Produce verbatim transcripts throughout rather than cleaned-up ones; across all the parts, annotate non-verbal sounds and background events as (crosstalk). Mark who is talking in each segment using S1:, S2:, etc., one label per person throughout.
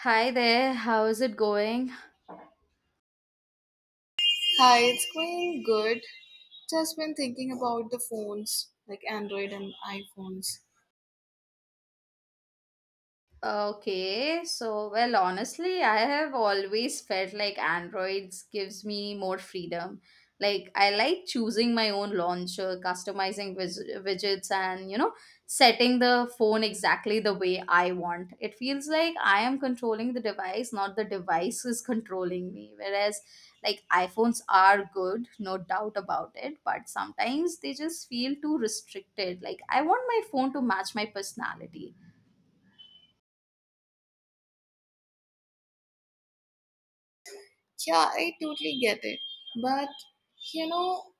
S1: Hi there, how is it going?
S2: Hi, it's going good. Just been thinking about the phones, like Android and iPhones.
S1: Okay, so well, honestly, I have always felt like Androids gives me more freedom. Like I like choosing my own launcher, customizing vis- widgets, and you know, setting the phone exactly the way I want. It feels like I am controlling the device, not the device is controlling me. Whereas, like iPhones are good, no doubt about it, but sometimes they just feel too restricted. Like I want my phone to match my personality.
S2: Yeah, I totally get it. But you know,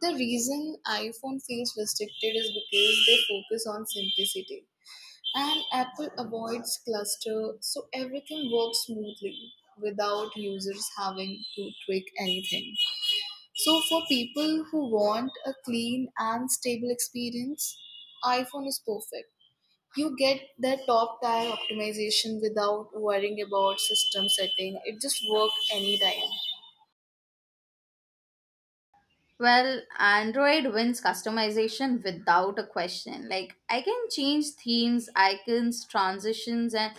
S2: the reason iPhone feels restricted is because they focus on simplicity. And Apple avoids cluster, so everything works smoothly without users having to tweak anything. So for people who want a clean and stable experience, iPhone is perfect. You get the top tier optimization without worrying about system setting. It just work anytime.
S1: Well, Android wins customization without a question. Like, I can change themes, icons, transitions, and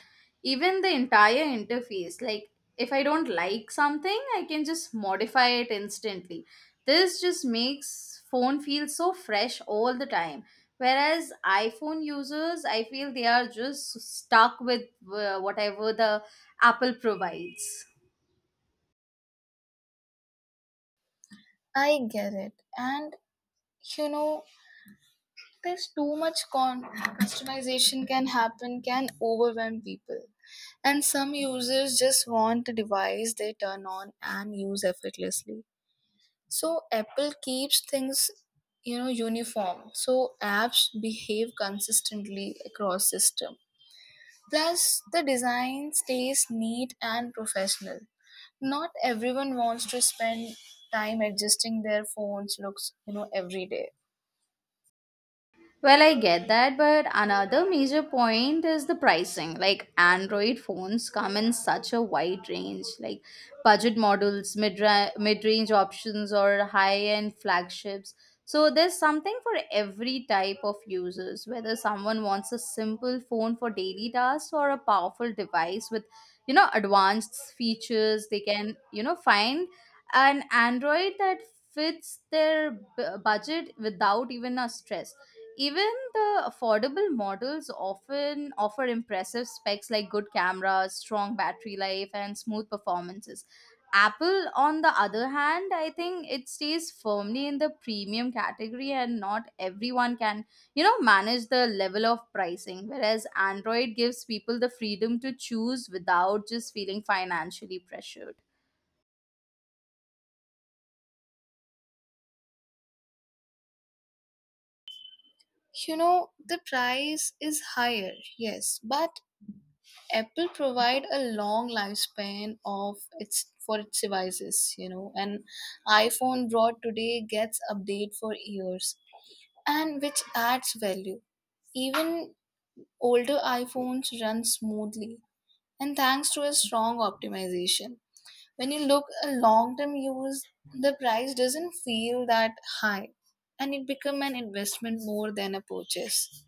S1: even the entire interface. Like, if I don't like something, I can just modify it instantly. This just makes phone feel so fresh all the time. Whereas iPhone users, I feel they are just stuck with uh, whatever the Apple provides.
S2: I get it. And you know there's too much con- customization can happen can overwhelm people, and some users just want a device they turn on and use effortlessly. So Apple keeps things, you know uniform, so apps behave consistently across system. Plus, the design stays neat and professional. Not everyone wants to spend time adjusting their phone's looks, you know, every day.
S1: Well, I get that, but another major point is the pricing. Like, Android phones come in such a wide range, like budget models, mid mid range options, or high end flagships. So, there's something for every type of users, whether someone wants a simple phone for daily tasks or a powerful device with, you know, advanced features, they can, you know, find an Android that fits their b- budget without even a stress. Even the affordable models often offer impressive specs like good cameras, strong battery life, and smooth performances. Apple, on the other hand, I think it stays firmly in the premium category, and not everyone can, you know, manage the level of pricing. Whereas Android gives people the freedom to choose without just feeling financially pressured.
S2: You know, the price is higher, yes, but Apple provide a long lifespan of its for its devices, you know, and iPhone brought today gets update for years, and which adds value. Even older iPhones run smoothly, and thanks to a strong optimization. When you look a long term use, the price doesn't feel that high, and it become an investment more than a purchase.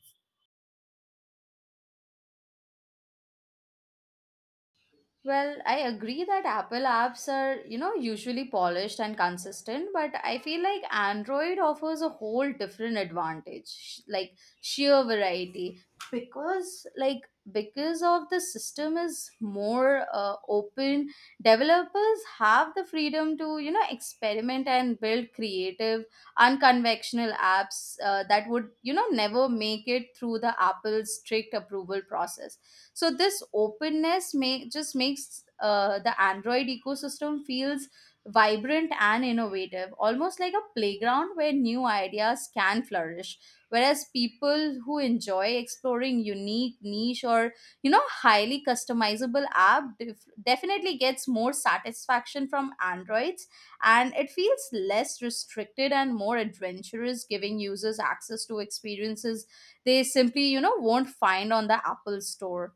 S1: Well, I agree that Apple apps are, you know, usually polished and consistent, but I feel like Android offers a whole different advantage, sh- like sheer variety, because like because of the system is more uh, open, developers have the freedom to, you know, experiment and build creative, unconventional apps uh, that would, you know, never make it through the Apple strict approval process. So this openness may just makes uh, the Android ecosystem feels vibrant and innovative, almost like a playground where new ideas can flourish. Whereas people who enjoy exploring unique niche or, you know, highly customizable app def- definitely gets more satisfaction from Androids, and it feels less restricted and more adventurous, giving users access to experiences they simply, you know, won't find on the Apple store.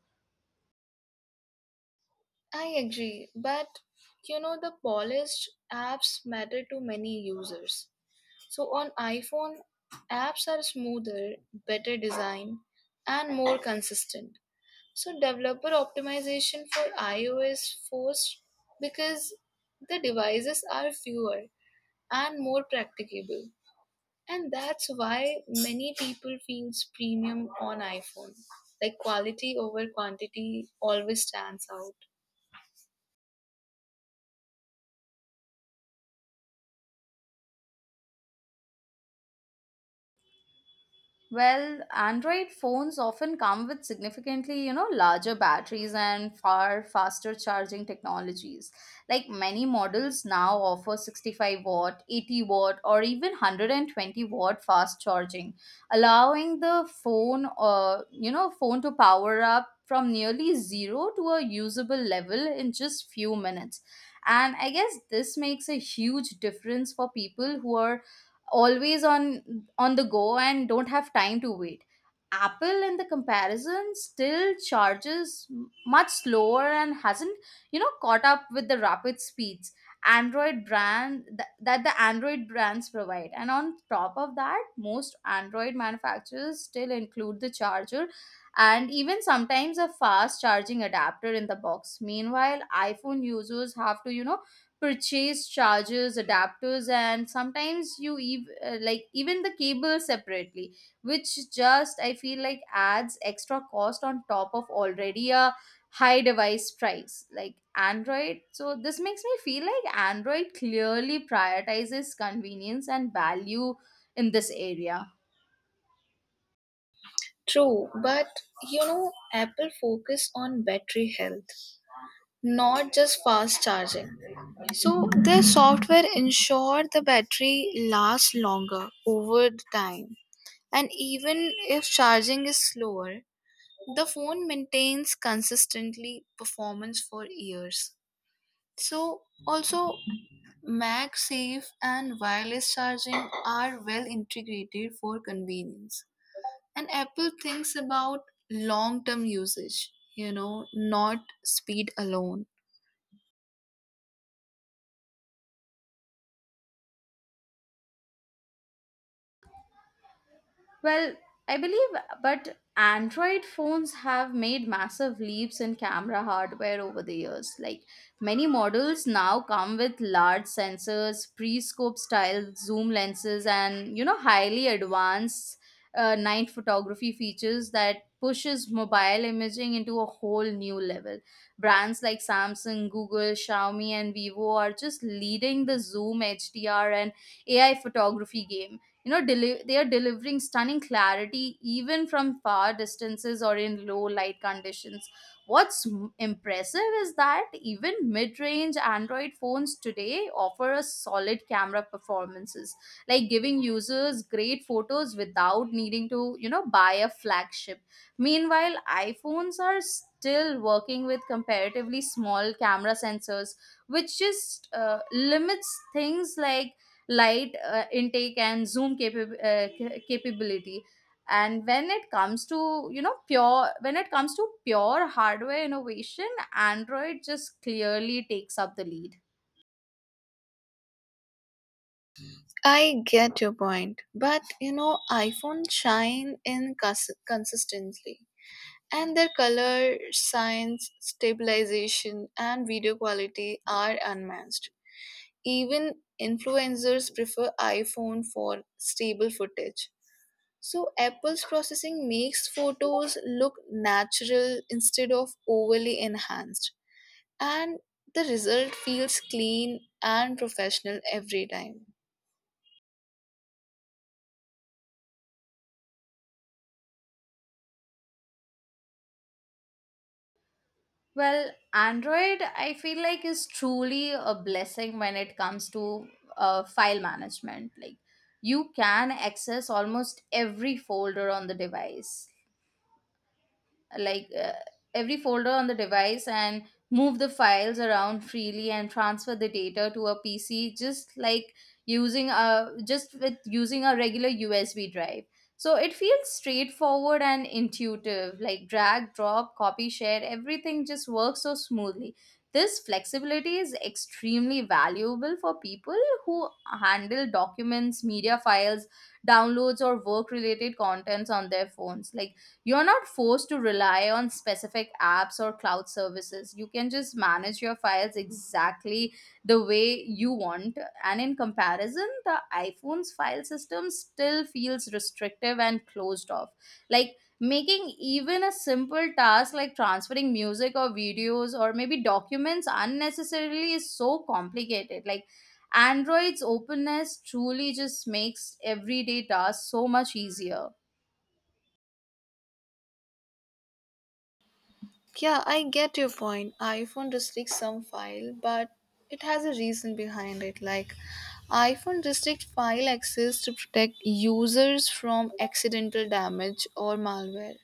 S2: I agree, but you know the polished apps matter to many users. So on iPhone, apps are smoother, better design, and more consistent. So developer optimization for iOS forced because the devices are fewer and more practicable. And that's why many people feels premium on iPhone. Like quality over quantity always stands out.
S1: Well, Android phones often come with significantly, you know, larger batteries and far faster charging technologies. Like many models now offer sixty-five watt, eighty watt, or even one hundred twenty watt fast charging, allowing the phone, uh, you know, phone to power up from nearly zero to a usable level in just few minutes. And I guess this makes a huge difference for people who are always on on the go and don't have time to wait. Apple in the comparison still charges m- much slower and hasn't, you know, caught up with the rapid speeds android brand th- that the Android brands provide. And on top of that, most Android manufacturers still include the charger and even sometimes a fast charging adapter in the box. Meanwhile, iPhone users have to, you know, purchase chargers, adapters, and sometimes you ev- uh, like even the cable separately, which just I feel like adds extra cost on top of already a high device price like Android. So this makes me feel like Android clearly prioritizes convenience and value in this area.
S2: True, but you know, Apple focus on battery health, not just fast charging. So their software ensure the battery lasts longer over the time. And even if charging is slower, the phone maintains consistently performance for years. So, also, MagSafe and wireless charging are well integrated for convenience. And Apple thinks about long term usage, you know, not speed alone.
S1: Well, I believe, but Android phones have made massive leaps in camera hardware over the years. Like many models now come with large sensors, pre-scope style zoom lenses, and, you know, highly advanced uh, night photography features that pushes mobile imaging into a whole new level. Brands like Samsung, Google, Xiaomi, and Vivo are just leading the zoom H D R and A I photography game. You know deli- they are delivering stunning clarity even from far distances or in low light conditions. What's m- impressive is that even mid-range Android phones today offer a solid camera performances, like giving users great photos without needing to, you know, buy a flagship. Meanwhile, iPhones are still working with comparatively small camera sensors, which just uh, limits things like light uh, intake and zoom capa- uh, ca- capability. And when it comes to, you know, pure when it comes to pure hardware innovation, Android just clearly takes up the lead.
S2: I get your point, but you know, iPhone shine in cons- consistently, and their color science, stabilization, and video quality are unmatched. Even influencers prefer iPhone for stable footage. So, Apple's processing makes photos look natural instead of overly enhanced, and the result feels clean and professional every time.
S1: Well, Android, I feel like, is truly a blessing when it comes to uh, file management. Like you can access almost every folder on the device, like uh, every folder on the device and move the files around freely and transfer the data to a P C just like using a just with using a regular U S B drive. So it feels straightforward and intuitive, like drag, drop, copy, share, everything just works so smoothly. This flexibility is extremely valuable for people who handle documents, media files, downloads, or work related contents on their phones. Like you're not forced to rely on specific apps or cloud services. You can just manage your files exactly the way you want. And in comparison, the iPhone's file system still feels restrictive and closed off. Like making even a simple task like transferring music or videos or maybe documents unnecessarily is so complicated. Like Android's openness truly just makes everyday tasks so much easier.
S2: Yeah, I get your point. iPhone restricts some file, but it has a reason behind it. Like iPhone restricts file access to protect users from accidental damage or malware.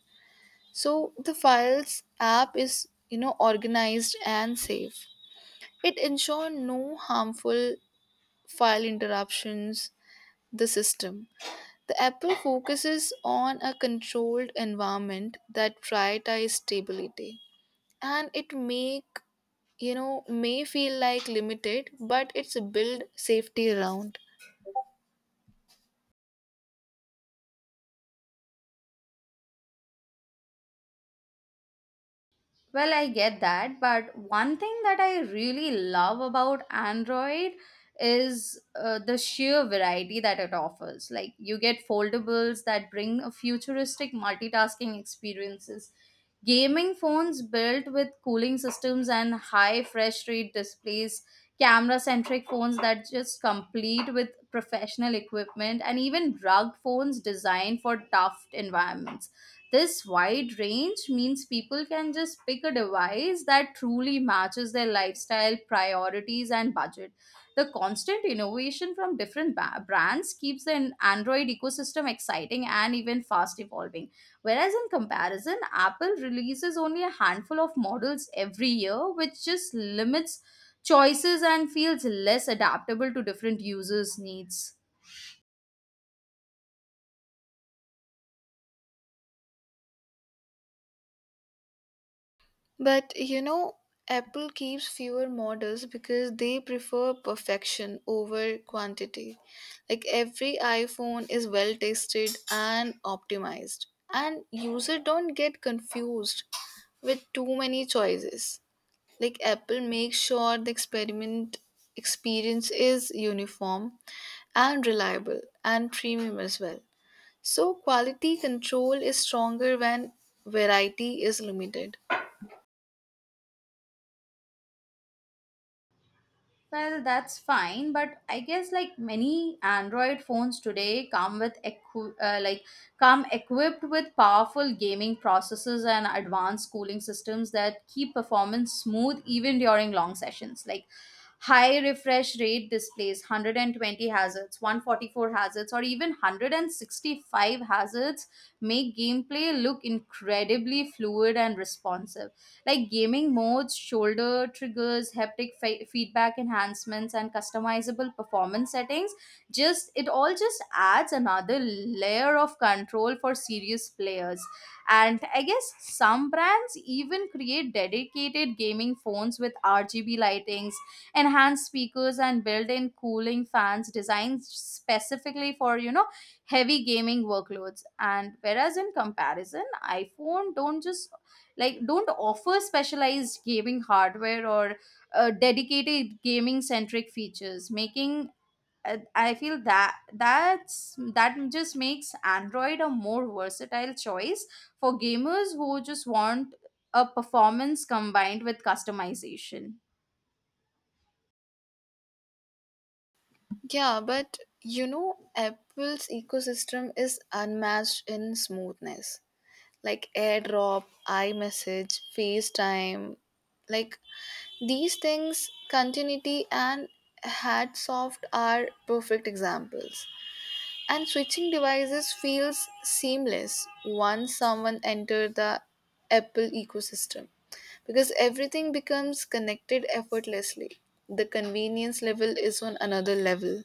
S2: So the files app is, you know, organized and safe. It ensure no harmful file interruptions the system. The Apple focuses on a controlled environment that prioritizes stability, and it make, you know may feel like limited, but it's build safety around.
S1: Well, I get that, but one thing that I really love about Android is uh, the sheer variety that it offers. Like, you get foldables that bring a futuristic multitasking experiences, gaming phones built with cooling systems and high fresh rate displays, camera centric phones that just complete with professional equipment, and even rugged phones designed for tough environments. This wide range means people can just pick a device that truly matches their lifestyle, priorities, and budget. The constant innovation from different ba- brands keeps the Android ecosystem exciting and even fast evolving. Whereas in comparison, Apple releases only a handful of models every year, which just limits choices and feels less adaptable to different users' needs.
S2: But you know Apple keeps fewer models because they prefer perfection over quantity. Like every iPhone is well tested and optimized, and user don't get confused with too many choices. Like Apple makes sure the experiment experience is uniform and reliable and premium as well. So, quality control is stronger when variety is limited.
S1: Well, that's fine, but I guess like many Android phones today come with equi- uh, like come equipped with powerful gaming processors and advanced cooling systems that keep performance smooth even during long sessions. Like high refresh rate displays, one hundred twenty hazards, one hundred forty-four hazards, or even one hundred sixty-five hazards make gameplay look incredibly fluid and responsive, like gaming modes, shoulder triggers, haptic fe- feedback enhancements, and customizable performance settings. Just it all just adds another layer of control for serious players. And I guess some brands even create dedicated gaming phones with R G B lightings, enhanced speakers, and built-in cooling fans designed specifically for, you know, heavy gaming workloads. And whereas in comparison, iPhone don't just like don't offer specialized gaming hardware or uh, dedicated gaming centric features, making uh, I feel that that's that just makes Android a more versatile choice for gamers who just want a performance combined with customization.
S2: Yeah, but you know, Apple's ecosystem is unmatched in smoothness. Like AirDrop, iMessage, FaceTime, like these things, continuity and Hatsoft are perfect examples. And switching devices feels seamless once someone enters the Apple ecosystem, because everything becomes connected effortlessly. The convenience level is on another level.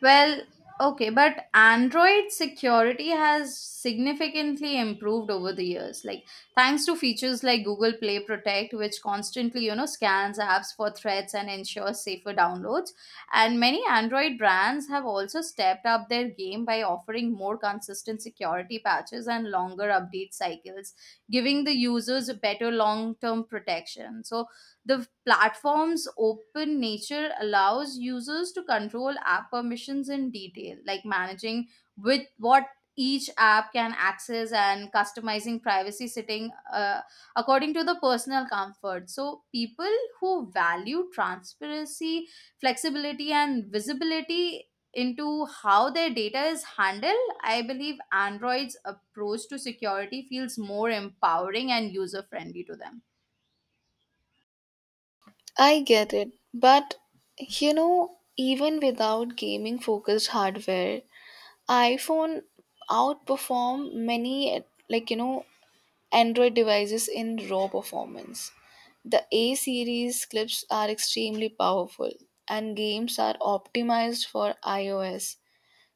S1: Well, okay, but Android security has significantly improved over the years. Like thanks to features like Google Play Protect, which constantly, you know, scans apps for threats and ensures safer downloads. And many Android brands have also stepped up their game by offering more consistent security patches and longer update cycles, giving the users better long-term protection. So the platform's open nature allows users to control app permissions in detail, like managing with what each app can access and customizing privacy setting uh, according to the personal comfort. So, people who value transparency, flexibility, and visibility into how their data is handled, I believe Android's approach to security feels more empowering and user friendly to them.
S2: I get it, but you know, even without gaming focused hardware, iPhone outperform many, like you know, Android devices in raw performance. The A series clips are extremely powerful, and games are optimized for iOS,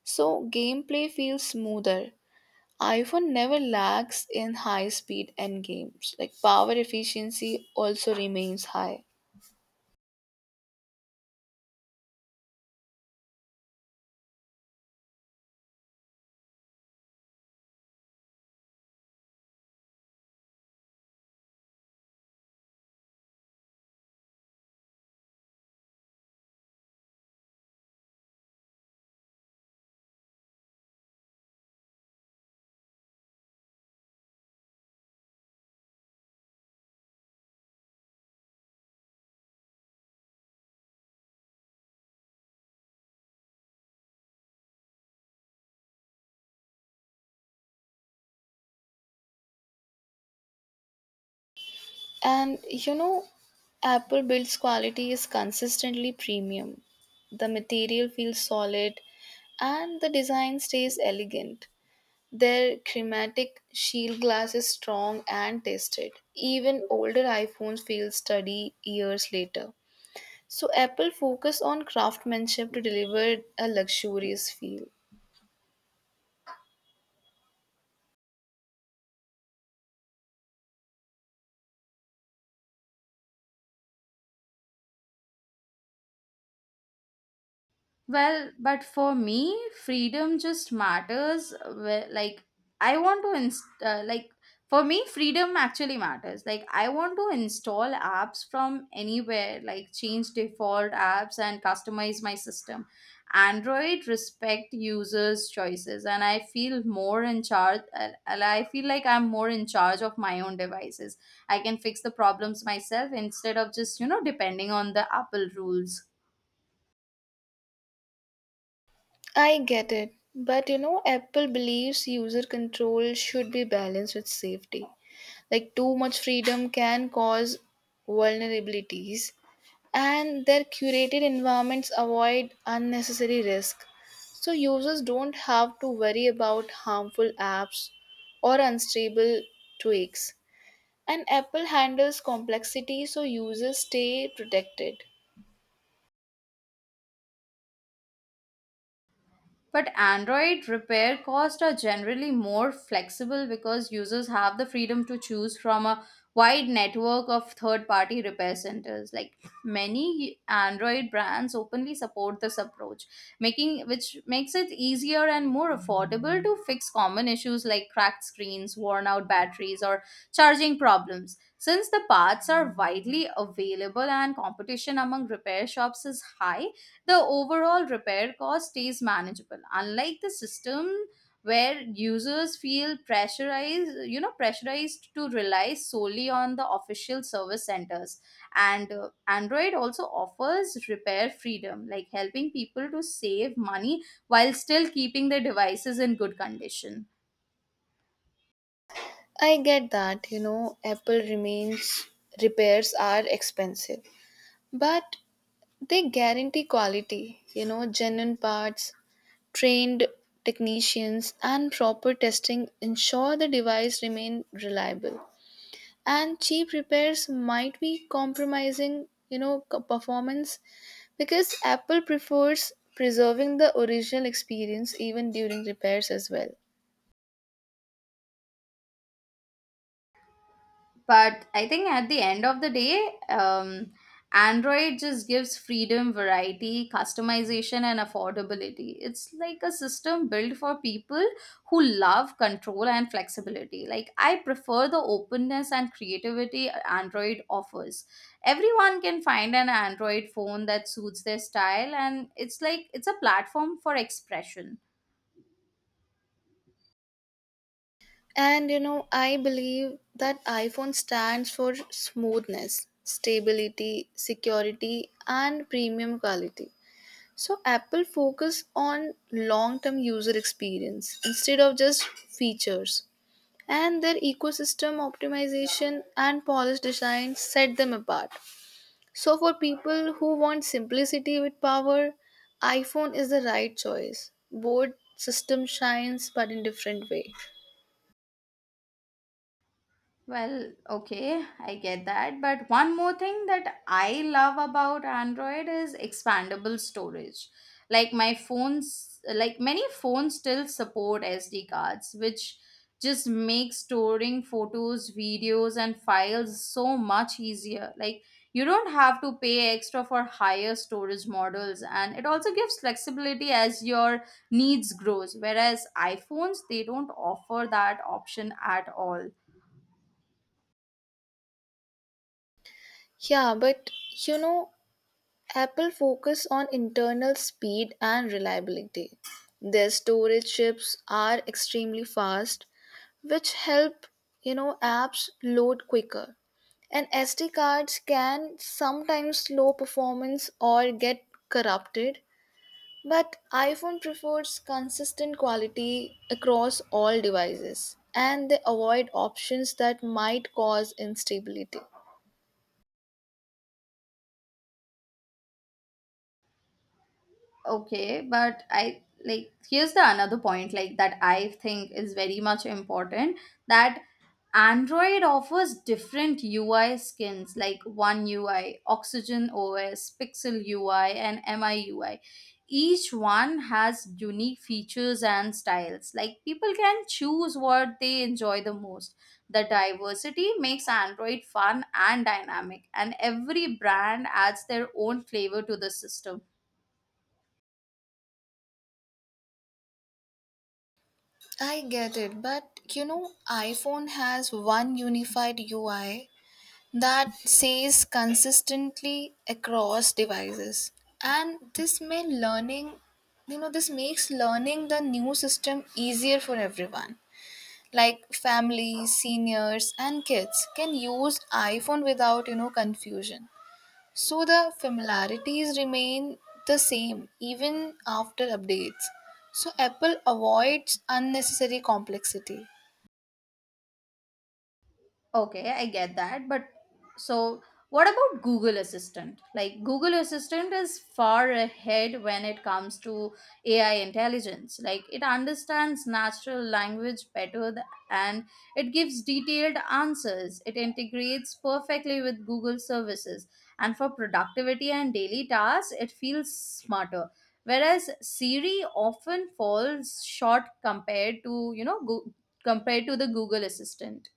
S2: so gameplay feels smoother. iPhone never lags in high speed end games, like power efficiency also remains high. And you know, Apple builds quality is consistently premium. The material feels solid and the design stays elegant. Their chromatic shield glass is strong and tested. Even older iPhones fail study years later. So Apple focus on craftsmanship to deliver a luxurious feel.
S1: Well, but for me, freedom just matters. Wh- Like, I want to, inst- uh, like, for me, freedom actually matters. Like, I want to install apps from anywhere, like, change default apps and customize my system. Android respect users' choices, and I feel more in charge. uh, uh, I feel like I'm more in charge of my own devices. I can fix the problems myself instead of just, you know, depending on the Apple rules.
S2: I get it, but you know Apple believes user control should be balanced with safety. Like too much freedom can cause vulnerabilities, and their curated environments avoid unnecessary risk, so users don't have to worry about harmful apps or unstable tweaks. And Apple handles complexity, so users stay protected.
S1: But Android repair costs are generally more flexible because users have the freedom to choose from a wide network of third party repair centers. Like many Android brands openly support this approach, making which makes it easier and more affordable to fix common issues like cracked screens, worn out batteries, or charging problems. Since the parts are widely available and competition among repair shops is high, the overall repair cost stays manageable, unlike the system where users feel pressurized you know pressurized to rely solely on the official service centers. and uh, Android also offers repair freedom, like helping people to save money while still keeping their devices in good condition.
S2: I get that, you know, Apple remains repairs are expensive, but they guarantee quality. You know, genuine parts, trained technicians, and proper testing ensure the device remain reliable. And cheap repairs might be compromising, you know, co- performance, because Apple prefers preserving the original experience even during repairs as well.
S1: But I think at the end of the day, um, Android just gives freedom, variety, customization, and affordability. It's like a system built for people who love control and flexibility. Like, I prefer the openness and creativity Android offers. Everyone can find an Android phone that suits their style, and it's like it's a platform for expression.
S2: And you know, I believe that iPhone stands for smoothness, stability, security, and premium quality. So Apple focus on long-term user experience instead of just features. And their ecosystem optimization and polished design set them apart. So for people who want simplicity with power, iPhone is the right choice. Both system shines but in different way.
S1: Well, okay, I get that. But one more thing that I love about Android is expandable storage. Like my phones, like many phones still support S D cards, which just makes storing photos, videos, and files so much easier. Like, you don't have to pay extra for higher storage models, and it also gives flexibility as your needs grows. Whereas iPhones, they don't offer that option at all.
S2: Yeah, but you know, Apple focus on internal speed and reliability. Their storage chips are extremely fast, which help, you know, apps load quicker. And S D cards can sometimes slow performance or get corrupted, but iPhone prefers consistent quality across all devices, and they avoid options that might cause instability.
S1: Okay, but I like, here's the another point, like, that I think is very much important, that Android offers different UI skins like One UI, Oxygen OS, Pixel UI, and MI UI. Each one has unique features and styles. Like, people can choose what they enjoy the most. The diversity makes Android fun and dynamic, and every brand adds their own flavor to the system.
S2: I get it, but you know iPhone has one unified U I that says consistently across devices. And this may learning You know, this makes learning the new system easier for everyone. Like families, seniors, and kids can use iPhone without, you know confusion. So the familiarities remain the same even after updates. So Apple avoids unnecessary complexity.
S1: Okay, I get that. But so what about Google Assistant? Like, Google Assistant is far ahead when it comes to A I intelligence. Like, it understands natural language better th- and it gives detailed answers. It integrates perfectly with Google services. And for productivity and daily tasks, it feels smarter. Whereas Siri often falls short compared to, you know, Goo- compared to the Google Assistant.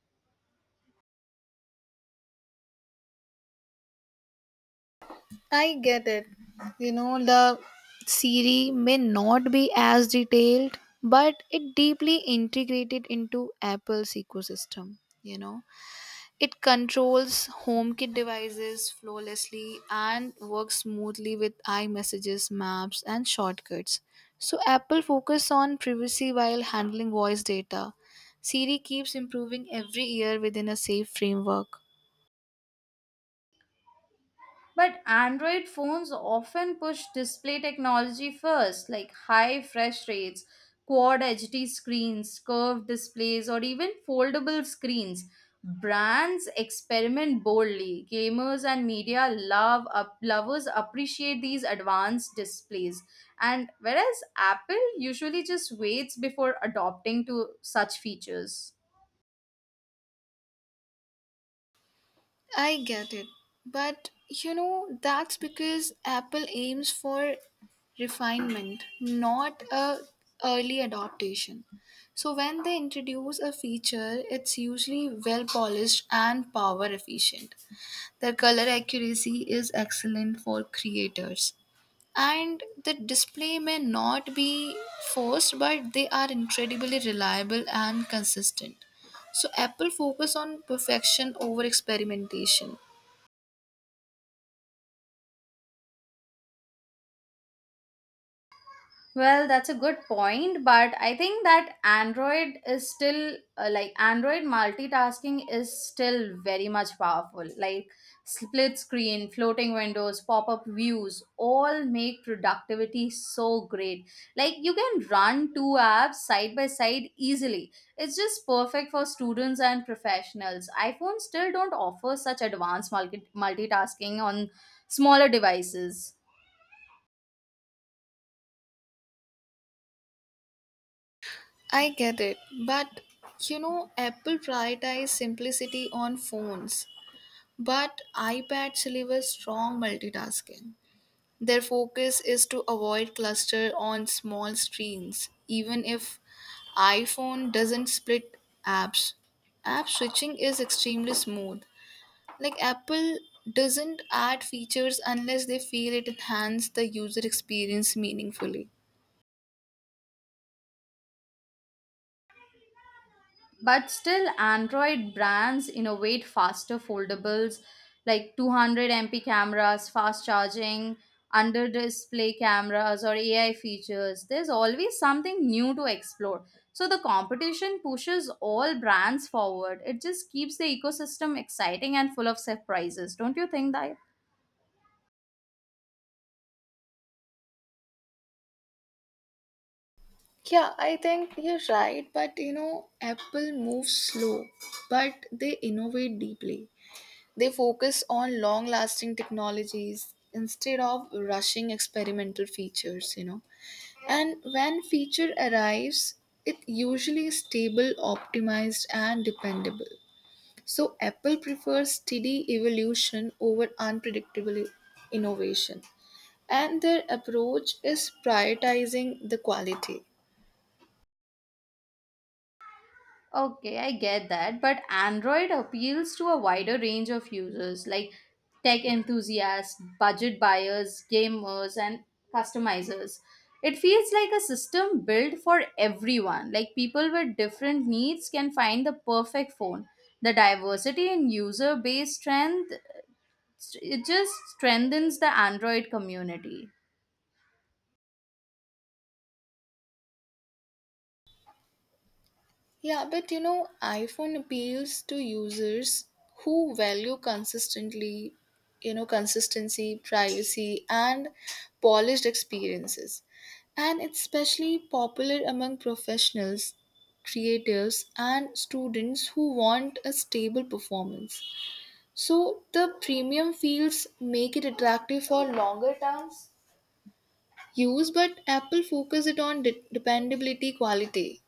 S2: I get it. You know, the Siri may not be as detailed, but it deeply integrated into Apple's ecosystem. You know, it controls HomeKit devices flawlessly and works smoothly with iMessages, maps, and shortcuts. So, Apple focuses on privacy while handling voice data. Siri keeps improving every year within a safe framework.
S1: But Android phones often push display technology first, like high refresh rates, quad H D screens, curved displays, or even foldable screens. Brands experiment boldly. Gamers and media love up, lovers appreciate these advanced displays. And whereas Apple usually just waits before adopting to such features.
S2: I get it. But you know, that's because Apple aims for refinement, not a early adaptation. So when they introduce a feature, it's usually well polished and power efficient. Their color accuracy is excellent for creators. And the display may not be forced, but they are incredibly reliable and consistent. So Apple focus on perfection over experimentation.
S1: Well, that's a good point, but I think that Android is still uh, like, Android multitasking is still very much powerful. Like, split screen, floating windows, pop up views all make productivity so great. Like, you can run two apps side by side easily. It's just perfect for students and professionals. iPhones still don't offer such advanced multi- multitasking on smaller devices.
S2: I get it, but you know, Apple prioritizes simplicity on phones, but iPads deliver strong multitasking. Their focus is to avoid cluster on small screens, even if iPhone doesn't split apps. App switching is extremely smooth. Like Apple doesn't add features unless they feel it enhances the user experience meaningfully.
S1: But still, Android brands innovate faster foldables, like two hundred M P cameras, fast charging, under display cameras, or A I features. There's always something new to explore. So the competition pushes all brands forward. It just keeps the ecosystem exciting and full of surprises. Don't you think that?
S2: Yeah, I think you're right, but you know, Apple moves slow, but they innovate deeply. They focus on long lasting technologies instead of rushing experimental features, you know. And when feature arrives, it usually is stable, optimized and dependable. So Apple prefers steady evolution over unpredictable innovation. And their approach is prioritizing the quality.
S1: Okay, I get that, but Android appeals to a wider range of users like tech enthusiasts, budget buyers, gamers, and customizers. It feels like a system built for everyone. Like, people with different needs can find the perfect phone. The diversity in user base strength it just strengthens the Android community.
S2: Yeah, but you know, iPhone appeals to users who value consistently, you know, consistency, privacy, and polished experiences. And it's especially popular among professionals, creatives, and students who want a stable performance. So the premium feels make it attractive for longer terms use, but Apple focuses it on de- dependability quality.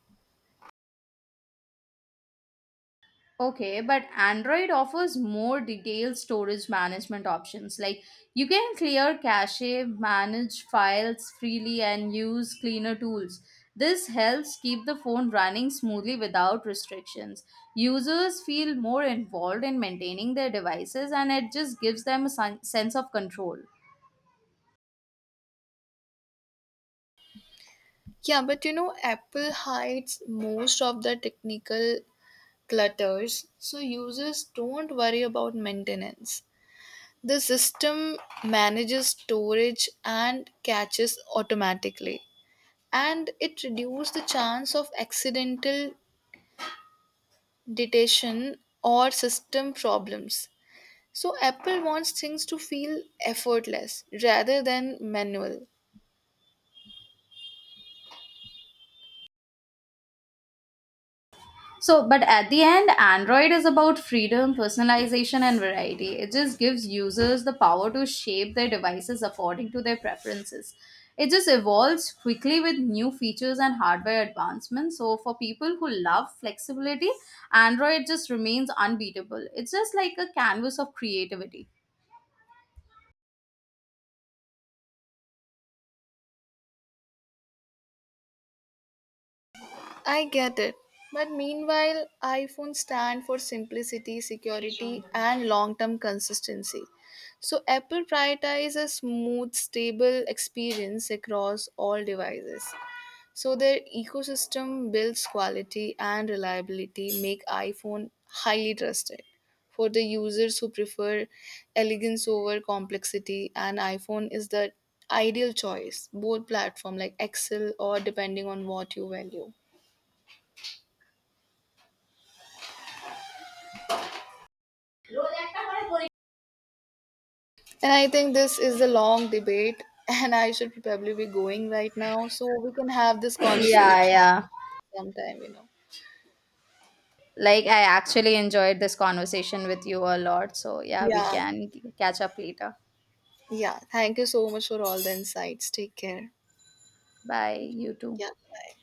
S1: Okay, but Android offers more detailed storage management options. Like, you can clear cache, manage files freely, and use cleaner tools. This helps keep the phone running smoothly without restrictions. Users feel more involved in maintaining their devices, and it just gives them a sen- sense of control.
S2: Yeah, but you know, Apple hides most of the technical clutters, so users don't worry about maintenance. The system manages storage and caches automatically, and it reduces the chance of accidental detection or system problems. So, Apple wants things to feel effortless rather than manual.
S1: So, but at the end, Android is about freedom, personalization, and variety. It just gives users the power to shape their devices according to their preferences. It just evolves quickly with new features and hardware advancements. So, for people who love flexibility, Android just remains unbeatable. It's just like a canvas of creativity.
S2: I get it. But meanwhile, iPhones stand for simplicity, security, and long term consistency. So, Apple prioritizes a smooth, stable experience across all devices. So, their ecosystem builds quality and reliability, make iPhone highly trusted. For the users who prefer elegance over complexity, an iPhone is the ideal choice. Both platform like Excel or depending on what you value. And I think this is a long debate, (laughs) and I should probably be going right now. So we can have this conversation
S1: Yeah, yeah.
S2: sometime, you know.
S1: Like, I actually enjoyed this conversation with you a lot. So, yeah, we
S2: Yeah.
S1: can catch up later.
S2: Yeah. Thank you so much for all the insights. Take care.
S1: Bye, you too.
S2: Yeah. Bye.